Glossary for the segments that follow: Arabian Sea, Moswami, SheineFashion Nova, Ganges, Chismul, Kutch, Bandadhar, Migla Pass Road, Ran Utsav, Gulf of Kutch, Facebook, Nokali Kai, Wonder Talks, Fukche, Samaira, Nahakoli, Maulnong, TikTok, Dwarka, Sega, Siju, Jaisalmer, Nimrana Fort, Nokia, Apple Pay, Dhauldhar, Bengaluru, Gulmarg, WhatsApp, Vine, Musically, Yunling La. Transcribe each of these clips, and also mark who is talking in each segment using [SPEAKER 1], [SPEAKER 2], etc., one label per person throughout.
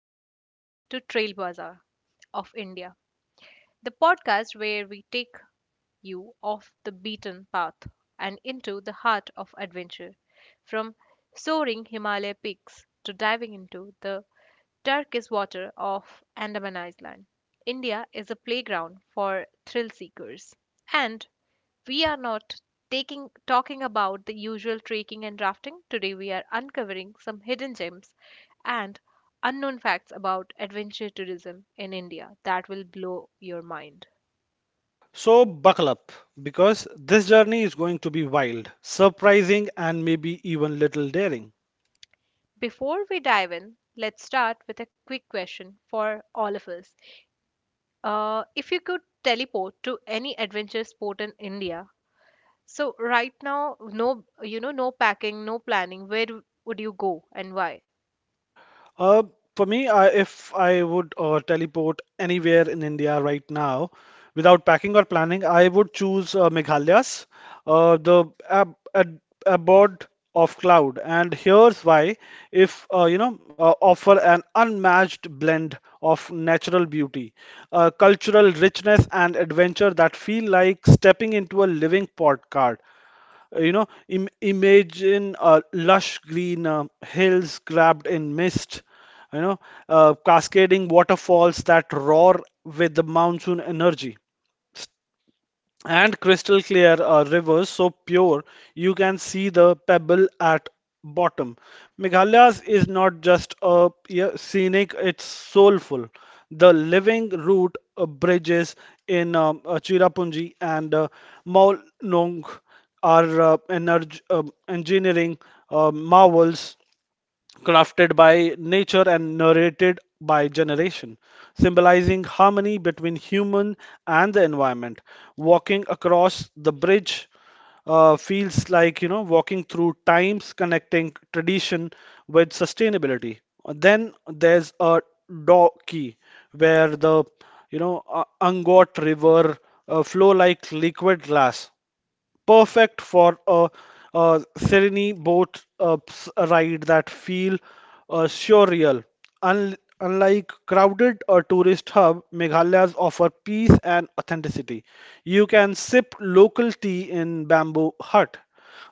[SPEAKER 1] Welcome to Trail Bazaar of India, the podcast where we take you off the beaten path and into the heart of adventure, from soaring Himalaya peaks to diving into the Turkish water off Andaman Island. India is a playground for thrill seekers. And we are not taking talking about the usual trekking and rafting. Today we are uncovering some hidden gems and unknown facts about adventure tourism in India that will blow your mind.
[SPEAKER 2] So buckle up because this journey is going to be wild, surprising, and maybe even little daring.
[SPEAKER 1] Before we dive in, let's start with a quick question for all of us. If you could teleport to any adventure sport in India, so right now, no, no packing, no planning. Where would you go and why?
[SPEAKER 2] Uh, for me, if I would teleport anywhere in India right now, without packing or planning, I would choose Meghalayas, the ab ab abode of cloud. And here's why: if offer an unmatched blend of natural beauty, cultural richness, and adventure that feel like stepping into a living postcard. Imagine lush green hills wrapped in mist, you know, cascading waterfalls that roar with the monsoon energy and crystal clear rivers so pure you can see the pebble at bottom. Meghalayas is not just a, yeah, scenic, it's soulful. The living root bridges in Chirapunji and Maulnong are engineering marvels crafted by nature and narrated by generation, symbolizing harmony between human and the environment. Walking across the bridge feels like, you know, walking through times, connecting tradition with sustainability. Then there's a Doki, where the, you know, Angot River flow like liquid glass perfect for a serene boat ride that feel surreal. Unlike crowded tourist hub, Meghalaya's offer peace and authenticity. You can sip local tea in bamboo hut,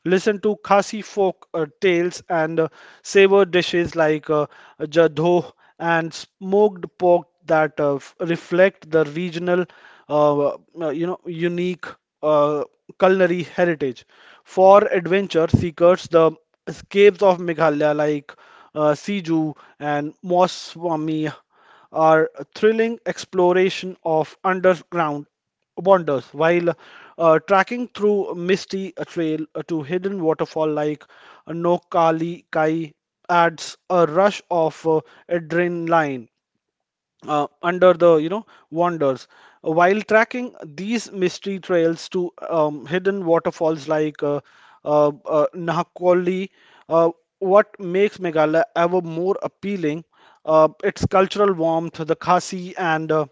[SPEAKER 2] listen to Khasi folk tales and savor dishes like jadho and smoked pork that reflect the regional, uh, uh, unique uh, culinary heritage. For adventure seekers, the escapes of Meghalaya like Siju and Moswami are thrilling exploration of underground wonders, while tracking through misty trail to hidden waterfall like Nokali Kai adds a rush of adrenaline under the wanders, while tracking these mystery trails to hidden waterfalls like Nahakoli. Uh, what makes Meghalaya ever more appealing, its cultural warmth, the Khasi and uh,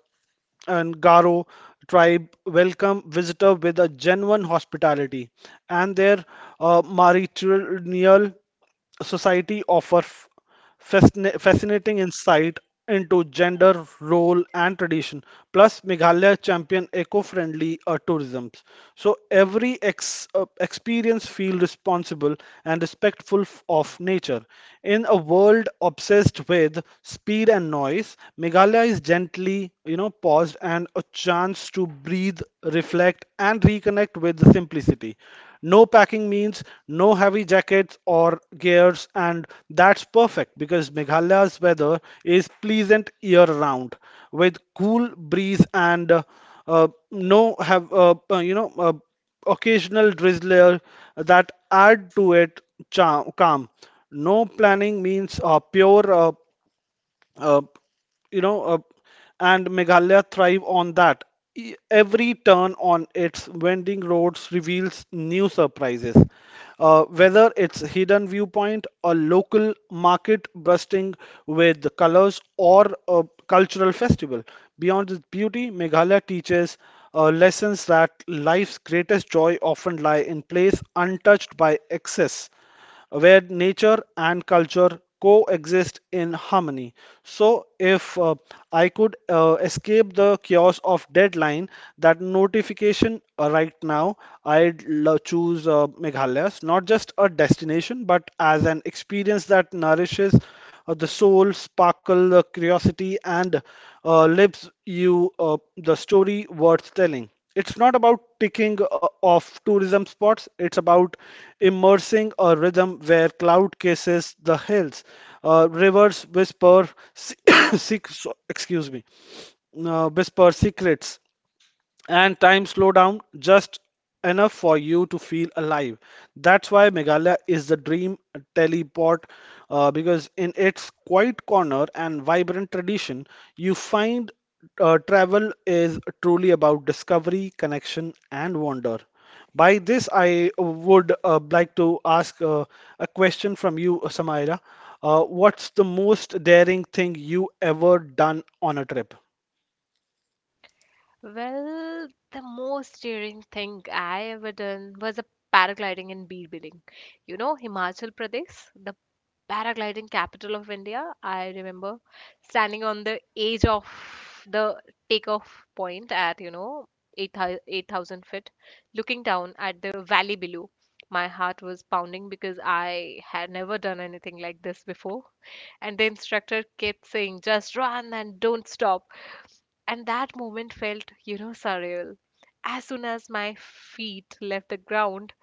[SPEAKER 2] and Garo tribe welcome visitor with a genuine hospitality, and their matrilineal society offer fascinating insight into gender, role, and tradition. Plus, Meghalaya champion eco-friendly tourism. So every experience feel responsible and respectful of nature. In a world obsessed with speed and noise, Meghalaya is gently, you know, paused and a chance to breathe, reflect, and reconnect with the simplicity. No packing means no heavy jackets or gears, and that's perfect because Meghalaya's weather is pleasant year round with cool breeze and no have you know occasional drizzler that add to it charm, calm. No planning means pure. Uh, you know, uh, and Meghalaya thrive on that. Every turn on its winding roads reveals new surprises. Whether it's hidden viewpoint, a local market bursting with the colors, or a cultural festival. Beyond its beauty, Meghalaya teaches lessons that life's greatest joy often lie in place untouched by excess, where nature and culture coexist in harmony. So, if I could escape the chaos of deadline, that notification right now, I'd choose Meghalaya, as not just a destination, but as an experience that nourishes the soul, sparkle the curiosity, and lives you the story worth telling. It's not about ticking off tourism spots, it's about immersing a rhythm where cloud kisses the hills, rivers whisper, se- excuse me, whisper secrets, and time slow down just enough for you to feel alive. That's why Meghalaya is the dream teleport, because in its quiet corner and vibrant tradition, you find travel is truly about discovery, connection, and wonder. By this, I would like to ask a question from you, Samaira. What's the most daring thing you ever done on a trip?
[SPEAKER 1] Well, the most daring thing I ever done was a paragliding in Birbiling. You know, Himachal Pradesh, the paragliding capital of India. I remember standing on the edge of the takeoff point at, you know, 8,000 feet, looking down at the valley below. My heart was pounding because I had never done anything like this before. And the instructor kept saying, just run and don't stop. And that moment felt, you know, surreal. As soon as my feet left the ground,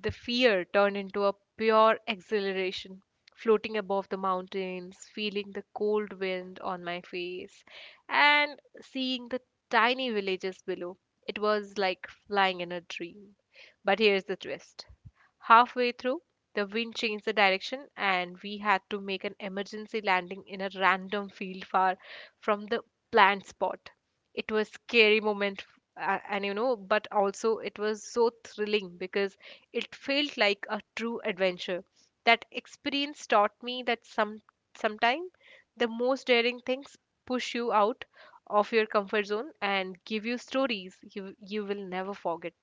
[SPEAKER 1] the fear turned into a pure exhilaration, floating above the mountains, feeling the cold wind on my face, and seeing the tiny villages below. It was like flying in a dream. But here's the twist. Halfway through, the wind changed the direction, and we had to make an emergency landing in a random field far from the planned spot. It was scary moment f- a- and you know but also it was so thrilling because it felt like a true adventure. That experience taught me that sometime the most daring things push you out of your comfort zone and give you stories you will never forget.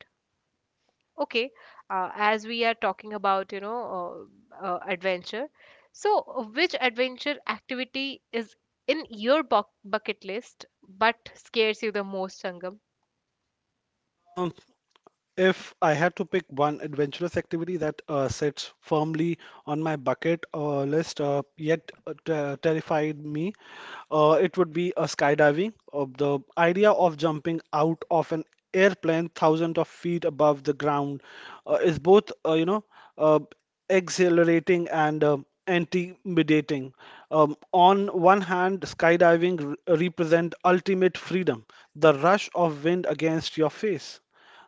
[SPEAKER 1] Okay, as we are talking about, adventure, so which adventure activity is in your bucket list but scares you the most, Sangam?
[SPEAKER 2] Uh, If I had to pick one adventurous activity that sits firmly on my bucket list, yet terrified me, it would be a skydiving. Of the idea of jumping out of an airplane thousands of feet above the ground is both, uh, exhilarating and intimidating. On one hand, skydiving re represent ultimate freedom, the rush of wind against your face,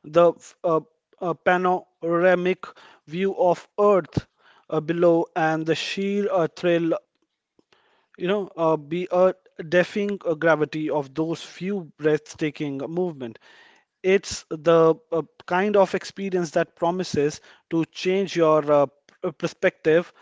[SPEAKER 2] the uh, panoramic view of Earth below, and the sheer thrill, be a deafening gravity of those few breathtaking movement. It's the kind of experience that promises to change your perspective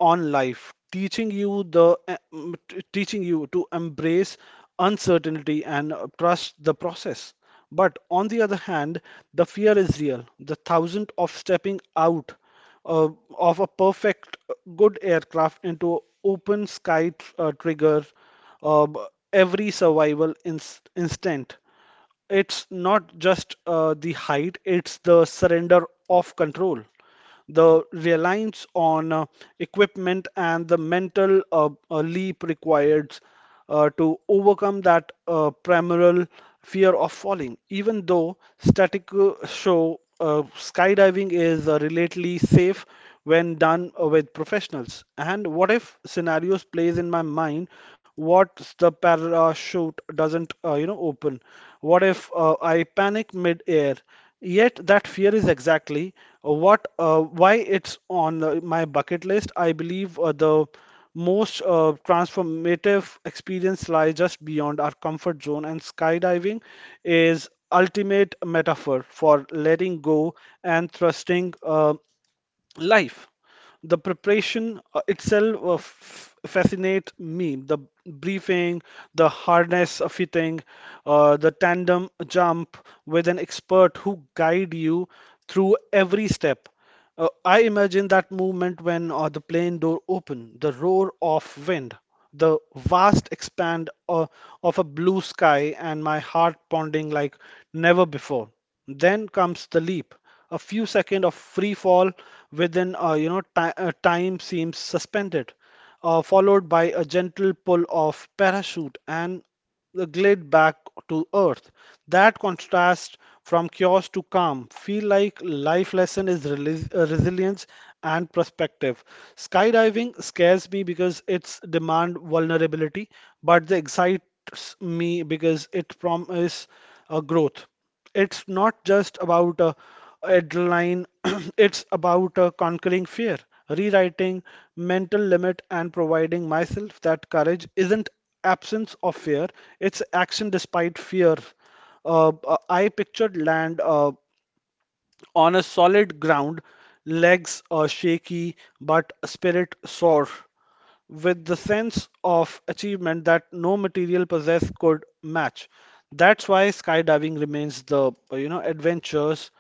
[SPEAKER 2] on life, teaching you the teaching you to embrace uncertainty and trust the process. But on the other hand, the fear is real. The thousand of stepping out uh, of a perfect good aircraft into open sky trigger uh, b- every survival instant. It's not just the height, it's the surrender of control, the reliance on equipment, and the mental leap required to overcome that primal fear of falling. Even though static show skydiving is relatively safe when done with professionals. And what if scenarios plays in my mind? What's the parachute doesn't, open? What if I panic mid-air? Yet that fear is exactly what why it's on my bucket list. I believe the most transformative experience lie just beyond our comfort zone, and skydiving is ultimate metaphor for letting go and trusting. Life. The preparation itself fascinate me. The briefing, the harness fitting, the tandem jump with an expert who guide you through every step. I imagine that movement when the plane door open, the roar of wind, the vast expand of a blue sky, and my heart pounding like never before. Then comes the leap. A few seconds of free fall within, you know, ti time seems suspended, followed by a gentle pull of parachute and the glide back to earth. That contrast from chaos to calm feel like life lesson is resilience and perspective. Skydiving scares me because it's demand vulnerability, but it excites me because it promises growth. It's not just about adrenaline, it's about conquering fear, rewriting mental limit, and providing myself that courage isn't absence of fear, it's action despite fear. I pictured land. On a solid ground, legs are shaky but spirit soar, with the sense of achievement that no material possess could match. That's why skydiving remains the, you know, adventures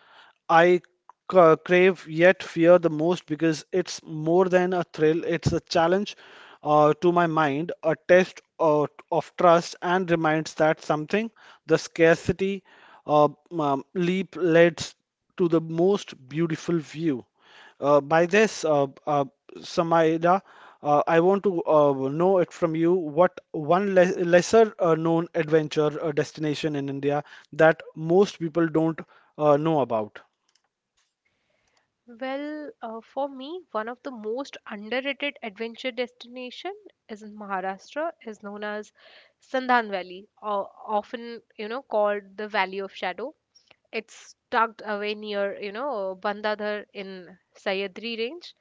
[SPEAKER 2] I crave yet fear the most, because it's more than a thrill, it's a challenge to my mind, a test of, trust, and reminds that something the scarcity uh, leap leads to the most beautiful view. By this, Samaida, I want to know it from you, what one le lesser known adventure destination in India that most people don't know about.
[SPEAKER 1] Well, for me, one of the most underrated adventure destination is in Maharashtra, is known as Sandhan Valley, or often, you know, called the Valley of Shadow. It's tucked away near, you know, Bandadhar in Sayadri range,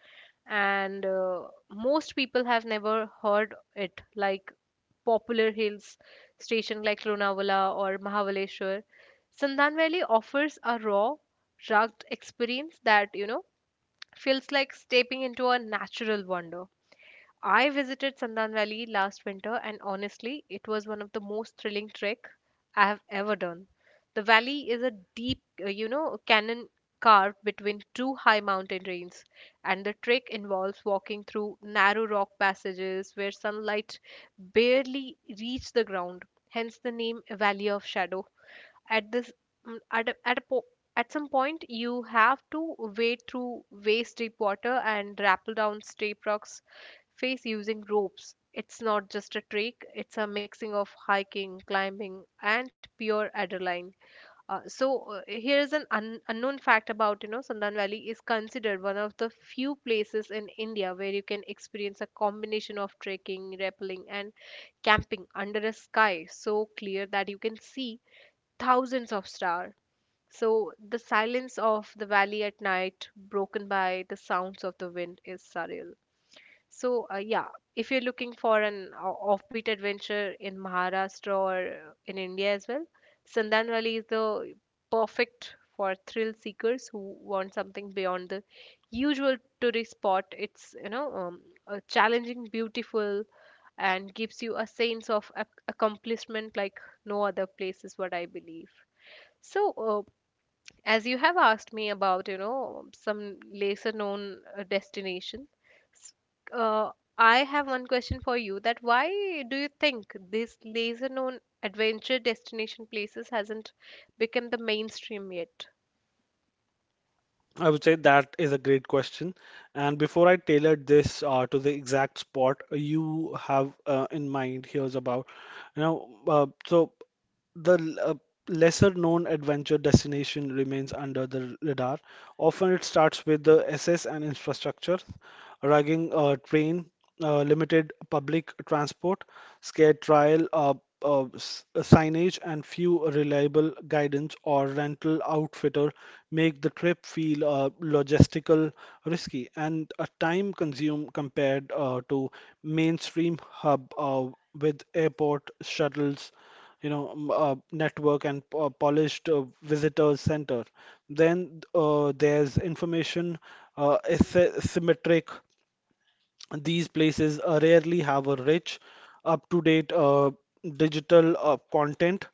[SPEAKER 1] and most people have never heard it. Like popular hills station like Lonavala or Mahabaleshwar, Sandan Valley offers a raw, rugged experience that, you know, feels like stepping into a natural wonder. I visited Sandan Valley last winter, and honestly, it was one of the most thrilling trek I have ever done. The valley is a deep, you know, canyon carved between two high mountain ranges, and the trek involves walking through narrow rock passages where sunlight barely reaches the ground, hence the name Valley of Shadow. At this mm, at a po- at some point you have to wade through waist deep water and rappel down steep rocks face using ropes. It's not just a trek, it's a mixing of hiking, climbing, and pure adrenaline. Here is an unknown fact: about, you know, Sandan Valley is considered one of the few places in India where you can experience a combination of trekking, rappelling, and camping under a sky so clear that you can see thousands of stars. So the silence of the valley at night, broken by the sounds of the wind, is surreal. So yeah, if you're looking for an offbeat adventure in Maharashtra or in India as well, Sandan Valley is the perfect for thrill seekers who want something beyond the usual tourist spot. It's, challenging, beautiful, and gives you a sense of accomplishment like no other place, is what I believe. So, as you have asked me about, you know, some lesser known destination, s- I have one question for you: that why do you think this lesser known adventure destination places hasn't become the mainstream yet?
[SPEAKER 2] I would say that is a great question. And before I tailored this to the exact spot you have in mind, here's about, you know, uh, so the lesser known adventure destination remains under the radar. Often it starts with the access and infrastructure, rugging train, limited public transport, scarce trial. Signage and few reliable guidance or rental outfitter make the trip feel logistical, risky, and a time consume compared to mainstream hub with airport shuttles, network and polished visitors center. Then there's information asymmetric. These places rarely have a rich, up-to-date digital content,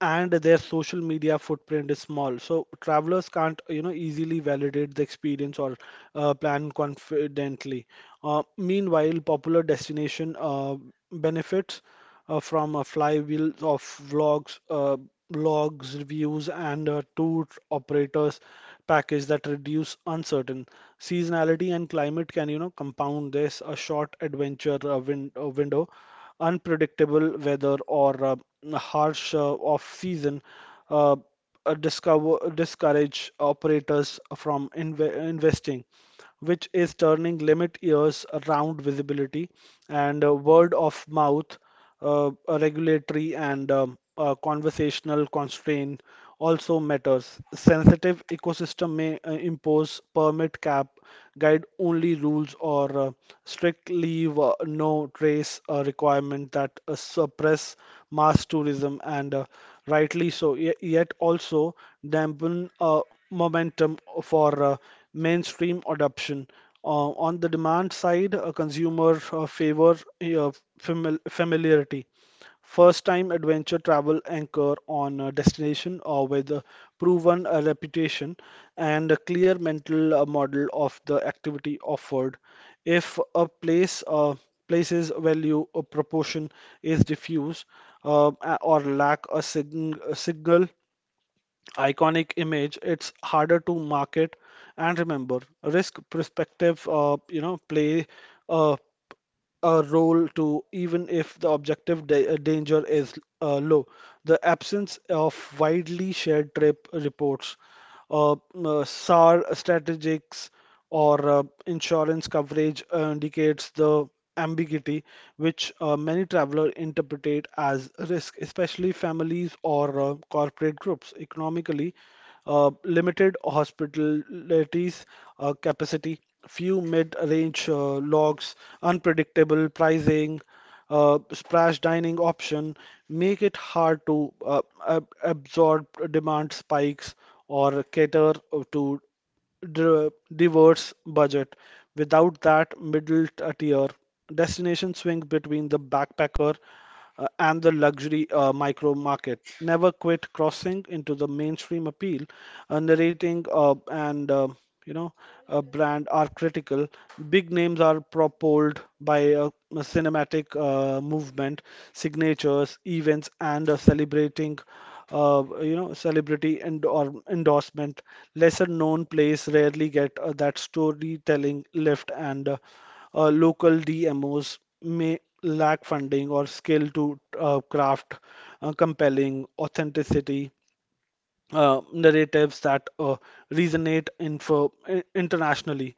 [SPEAKER 2] and their social media footprint is small. So travelers can't, you know, easily validate the experience or plan confidently. Meanwhile, popular destination benefits from a flywheel of vlogs, blogs, reviews, and a tour operators package that reduce uncertain seasonality, and climate can, you know, compound this. A short adventure window, unpredictable weather, or harsh off-season. Uh, Discourage operators from investing, which is turning limit years around visibility and word of mouth. A regulatory and conversational constraint also matters. Sensitive ecosystem may impose permit cap, guide only rules, or strict leave no trace requirement that suppress mass tourism, and rightly so. Ye- yet also dampen momentum for mainstream adoption. On the demand side, a consumer favor familiarity. First time adventure travel anchor on a destination or with a proven reputation and a clear mental model of the activity offered. If a place place's value or proportion is diffuse or lack a signal iconic image, it's harder to market and remember. Risk perspective, play. Uh, a role to, even if the objective danger is low. The absence of widely shared trip reports, SAR strategics, or insurance coverage indicates the ambiguity which many travelers interpret as risk, especially families or corporate groups. Economically, limited hospitalities capacity, few mid-range logs, unpredictable pricing, splash dining option make it hard to absorb demand spikes or cater to diverse budget. Without that middle tier, destinations swing between the backpacker and the luxury micro market. Never quit crossing into the mainstream appeal. Narrating and you know brand are critical. Big names are propelled by a cinematic movement, signatures, events, and celebrating celebrity and or endorsement. Lesser known plays rarely get that storytelling lift, and local DMOs may lack funding or skill to craft compelling authenticity narratives that resonate internationally.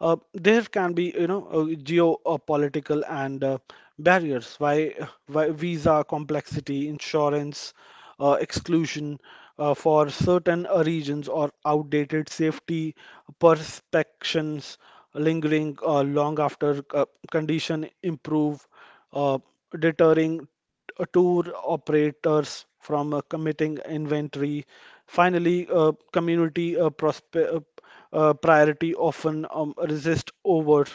[SPEAKER 2] There can be, geopolitical and barriers, why visa complexity, insurance, exclusion for certain regions, or outdated safety perspectives lingering long after condition improve, uh, deterring tour operators from committing inventory. Finally, community uh, priority often resist over.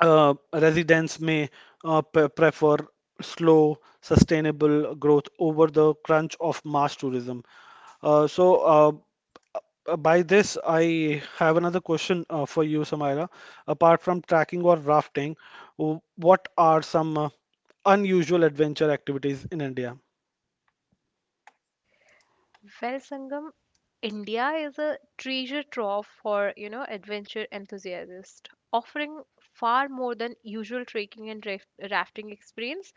[SPEAKER 2] Residents may prefer slow, sustainable growth over the crunch of mass tourism. So, by this, I have another question for you, Samaira. Apart from trekking or rafting, what are some unusual adventure activities in India?
[SPEAKER 1] Well, Sangam, India is a treasure trove for, you know, adventure enthusiasts, offering far more than usual trekking and rafting experience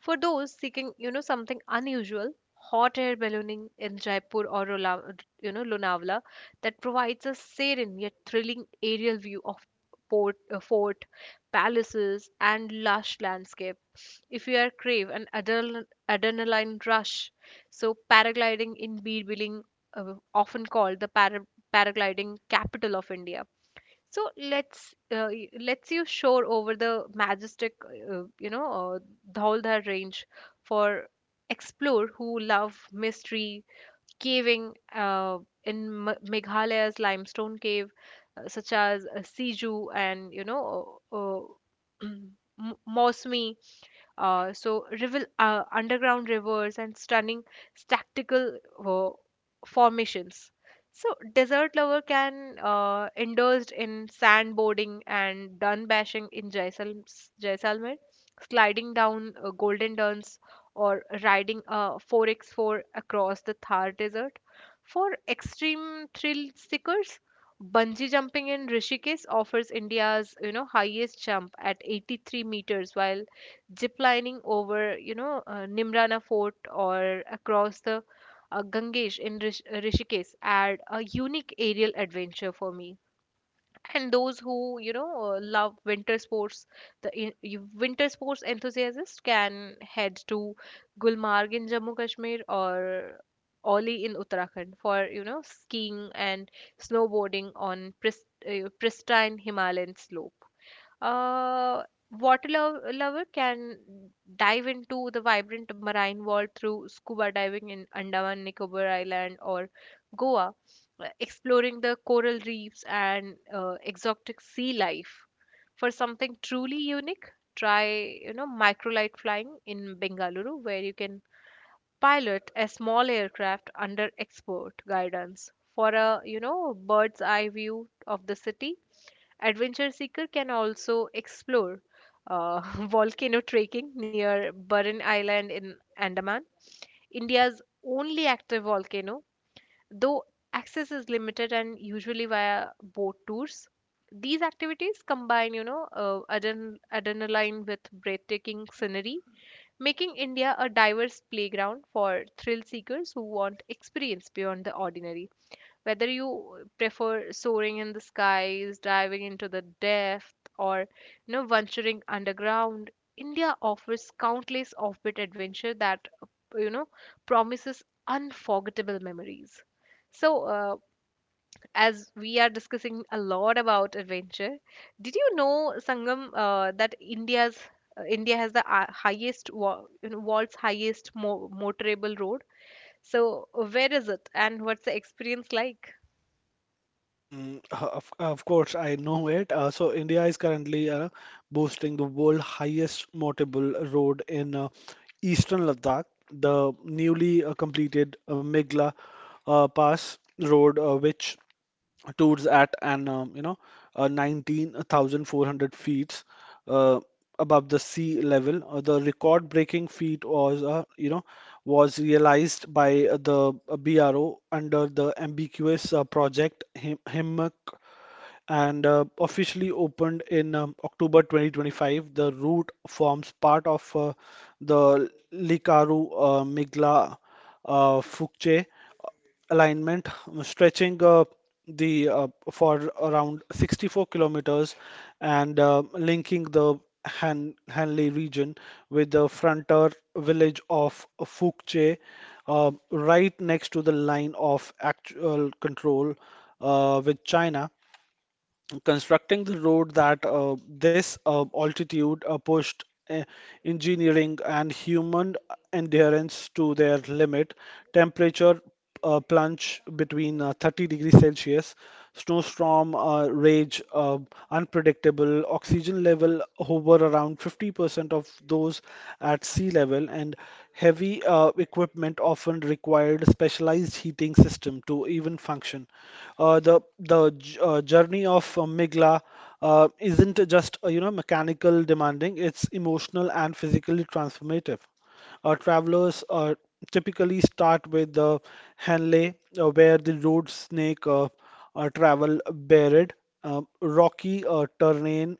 [SPEAKER 1] for those seeking, you know, something unusual. Hot air ballooning in Jaipur or you know, Lonavala, that provides a serene yet thrilling aerial view of fort, palaces, and lush landscape. If you are crave an adrenaline rush, so paragliding in Birbiling, often called the paragliding capital of India. So let's you soar over the majestic, you know, Dhauldhar range for explore who love mystery caving, in Meghalaya's limestone cave, such as Siju and, you know, M- Mausami, so river, underground rivers and stunning tactical uh, formations. So desert lover can indulge in sandboarding and dun bashing in Jaisalmer, sliding down golden duns or riding a 4x4 across the Thar desert. For extreme thrill seekers, bungee jumping in Rishikesh offers India's, you know, highest jump at 83 meters, while zip lining over, you know, Nimrana Fort or across the Ganges in Rishikesh add a unique aerial adventure for me. And those who, you know, love winter sports, the winter sports enthusiasts can head to Gulmarg in Jammu Kashmir or Oli in Uttarakhand for, you know, skiing and snowboarding on pristine Himalayan slope. uh, Water lover can dive into the vibrant marine world through scuba diving in Andaman Nicobar Island or Goa, exploring the coral reefs and exotic sea life. For something truly unique, try, you know, microlight flying in Bengaluru, where you can pilot a small aircraft under expert guidance, for a, you know, bird's eye view of the city. Adventure seeker can also explore uh, volcano trekking near Burren Island in Andaman, India's only active volcano. Though access is limited and usually via boat tours, these activities combine, you know, adren- adrenaline with breathtaking scenery, making India a diverse playground for thrill seekers who want experience beyond the ordinary. Whether you prefer soaring in the skies, diving into the depth, or, you know, venturing underground, India offers countless offbeat adventure that, you know, promises unforgettable memories. So, as we are discussing a lot about adventure, did you know, Sangam, that India has the highest, you know, world's highest mo motorable road? So, where is it, and what's the experience like?
[SPEAKER 2] Mm, of course, I know it. So, India is currently boasting the world highest motorable road in eastern Ladakh, the newly completed Migla Pass Road, which towards at an 19,400 feet uh, above the sea level. The record-breaking feat was was realized by the BRO under the ambiguous project HIMMEC and officially opened in October 2025. The route forms part of the Likaru Migla Fukche alignment, stretching the for around 64 kilometers and linking the Hanley region with the frontier village of Fukche, right next to the line of actual control with China, constructing the road that this altitude pushed uh, engineering and human endurance to their limit. Temperature plunge between 30 degrees Celsius, snowstorm rage, unpredictable oxygen level hover around 50% of those at sea level, and heavy equipment often required specialized heating system to even function. The journey of Migla isn't just mechanical demanding; it's emotional and physically transformative. Travelers typically start with the Henley, where the road snake. Travel buried, rocky terrain,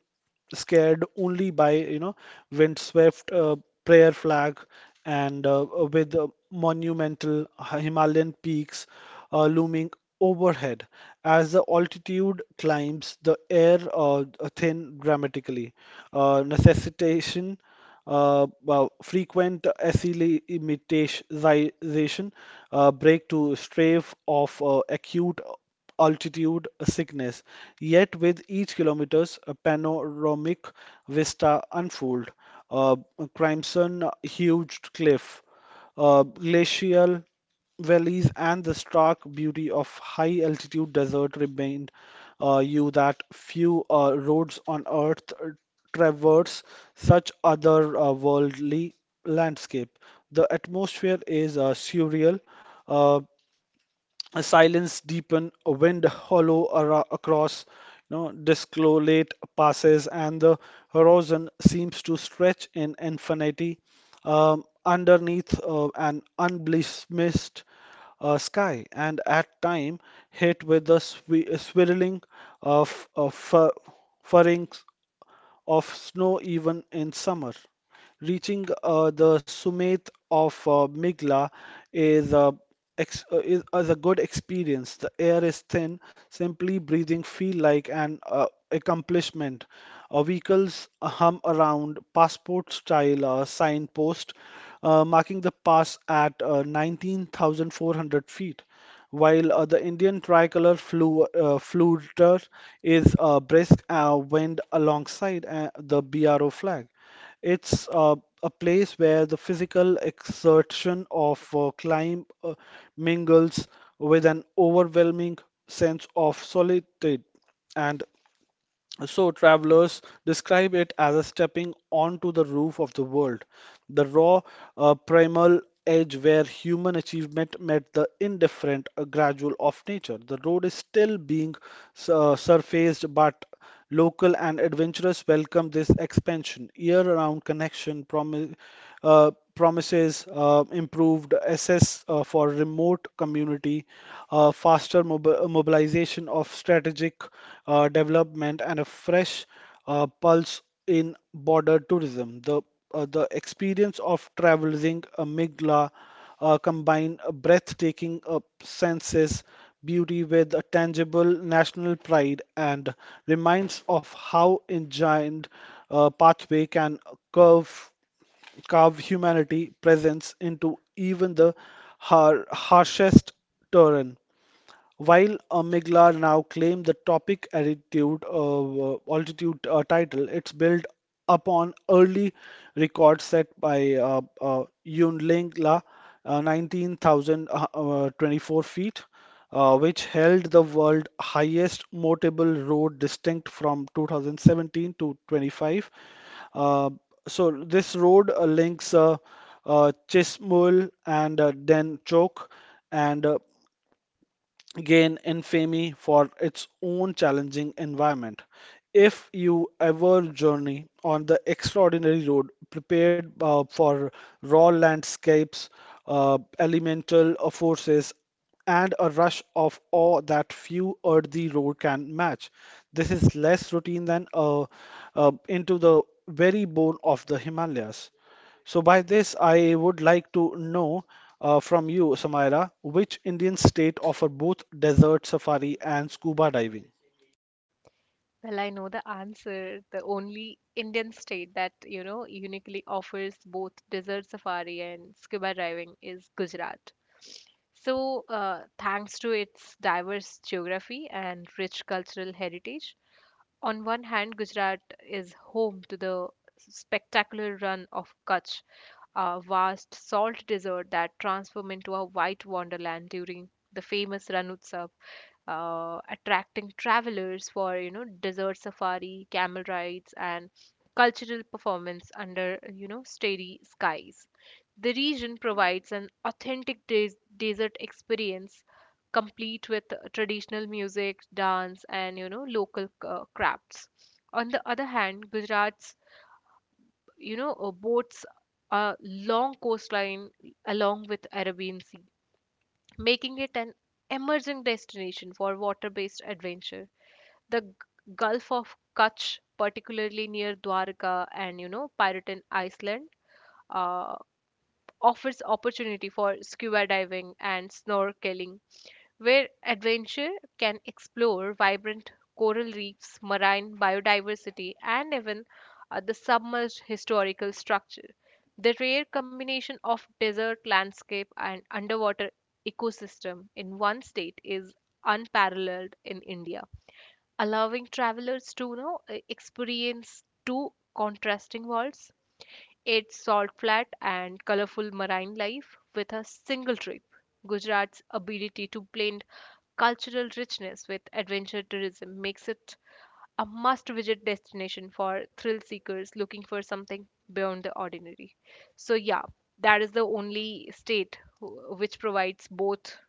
[SPEAKER 2] scared only by windswept prayer flag, and with monumental Himalayan peaks looming overhead. As the altitude climbs, the air thin dramatically, necessitation well, frequent acclimatization break to strafe of acute altitude sickness. Yet with each kilometers, a panoramic vista unfold, uh, crimson huge cliff, glacial valleys, and the stark beauty of high altitude desert remind you that few roads on earth traverse such otherworldly landscape. The atmosphere is surreal, uh, a silence deepened, a wind hollow across, discolate passes, and the horizon seems to stretch in infinity underneath an unblemished sky, and at time hit with the swirling of furrings of snow even in summer. Reaching the summit of Migla is, uh, is a good experience. The air is thin, simply breathing feel like an accomplishment. Vehicles hum around passport-style signpost, marking the pass at 19,400 feet while the Indian tricolor flutter is a brisk wind alongside the BRO flag. It's a place where the physical exertion of climb mingles with an overwhelming sense of solitude, and so, travelers describe it as a stepping onto the roof of the world, the raw, primal edge where human achievement met the indifferent, gradual of nature. The road is still being surfaced, but local and adventurous welcome this expansion. Year-round connection promises improved access for remote community, faster mobilization of strategic development, and a fresh pulse in border tourism. The experience of traveling a Migla combine a breathtaking senses beauty with a tangible national pride and reminds of how engined pathway can curve carve humanity presence into even the harshest terrain. While Amygdala now claim the topic attitude, altitude title, it's built upon early records set by Yunling La, 19,024 feet, which held the world highest motable road distinct from 2017 to 25. Uh, so this road links Chismul and then Chok and gain infamy for its own challenging environment. If you ever journey on the extraordinary road, prepared for raw landscapes, elemental forces, and a rush of awe that few earthy road can match, this is less routine than into the very bone of the Himalayas. So, by this, I would like to know from you, Samaira, which Indian state offer both desert safari and scuba diving?
[SPEAKER 1] Well, I know the answer. The only Indian state that, you know, uniquely offers both desert safari and scuba diving is Gujarat. So, thanks to its diverse geography and rich cultural heritage, on one hand, Gujarat is home to the spectacular run of Kutch, a vast salt desert that transformed into a white wonderland during the famous Ran Utsav, attracting travelers for, you know, desert safari, camel rides, and cultural performance under, you know, starry skies. The region provides an authentic desert experience complete with traditional music, dance, and, you know, local crafts. On the other hand, Gujarat's, boasts a long coastline along with Arabian Sea, making it an emerging destination for water-based adventure. The Gulf of Kutch, particularly near Dwarka and, you know, Piraten Iceland, uh, offers opportunity for scuba diving and snorkeling where adventure can explore vibrant coral reefs, marine biodiversity, and even the submerged historical structure. The rare combination of desert landscape and underwater ecosystem in one state is unparalleled in India, allowing travelers to, experience two contrasting worlds, its salt flat and colorful marine life with a single trip. Gujarat's ability to blend cultural richness with adventure tourism makes it a must visit destination for thrill seekers looking for something beyond the ordinary. So, yeah, that is the only state which provides both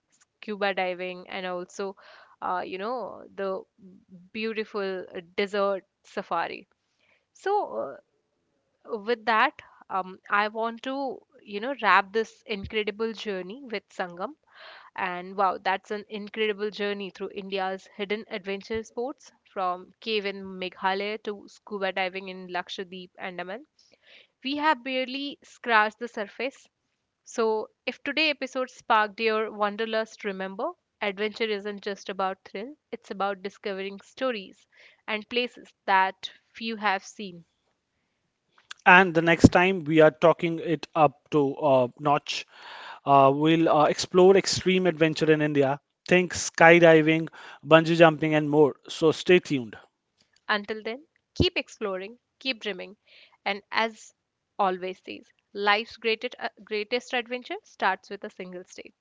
[SPEAKER 1] scuba diving and also, the beautiful desert safari. So, with that, I want to, you know, wrap this incredible journey with Sangam. And wow, that's an incredible journey through India's hidden adventure sports, from cave in Meghalaya to scuba diving in Lakshadweep, Andaman. We have barely scratched the surface. So, if today's episode sparked your wanderlust, remember adventure isn't just about thrill, it's about discovering stories and places that few have seen.
[SPEAKER 2] And the next time we are talking it up to notch, we'll explore extreme adventure in India. Think skydiving, bungee jumping, and more. So stay tuned.
[SPEAKER 1] Until then, keep exploring, keep dreaming, and as always says, life's greatest adventure starts with a single step.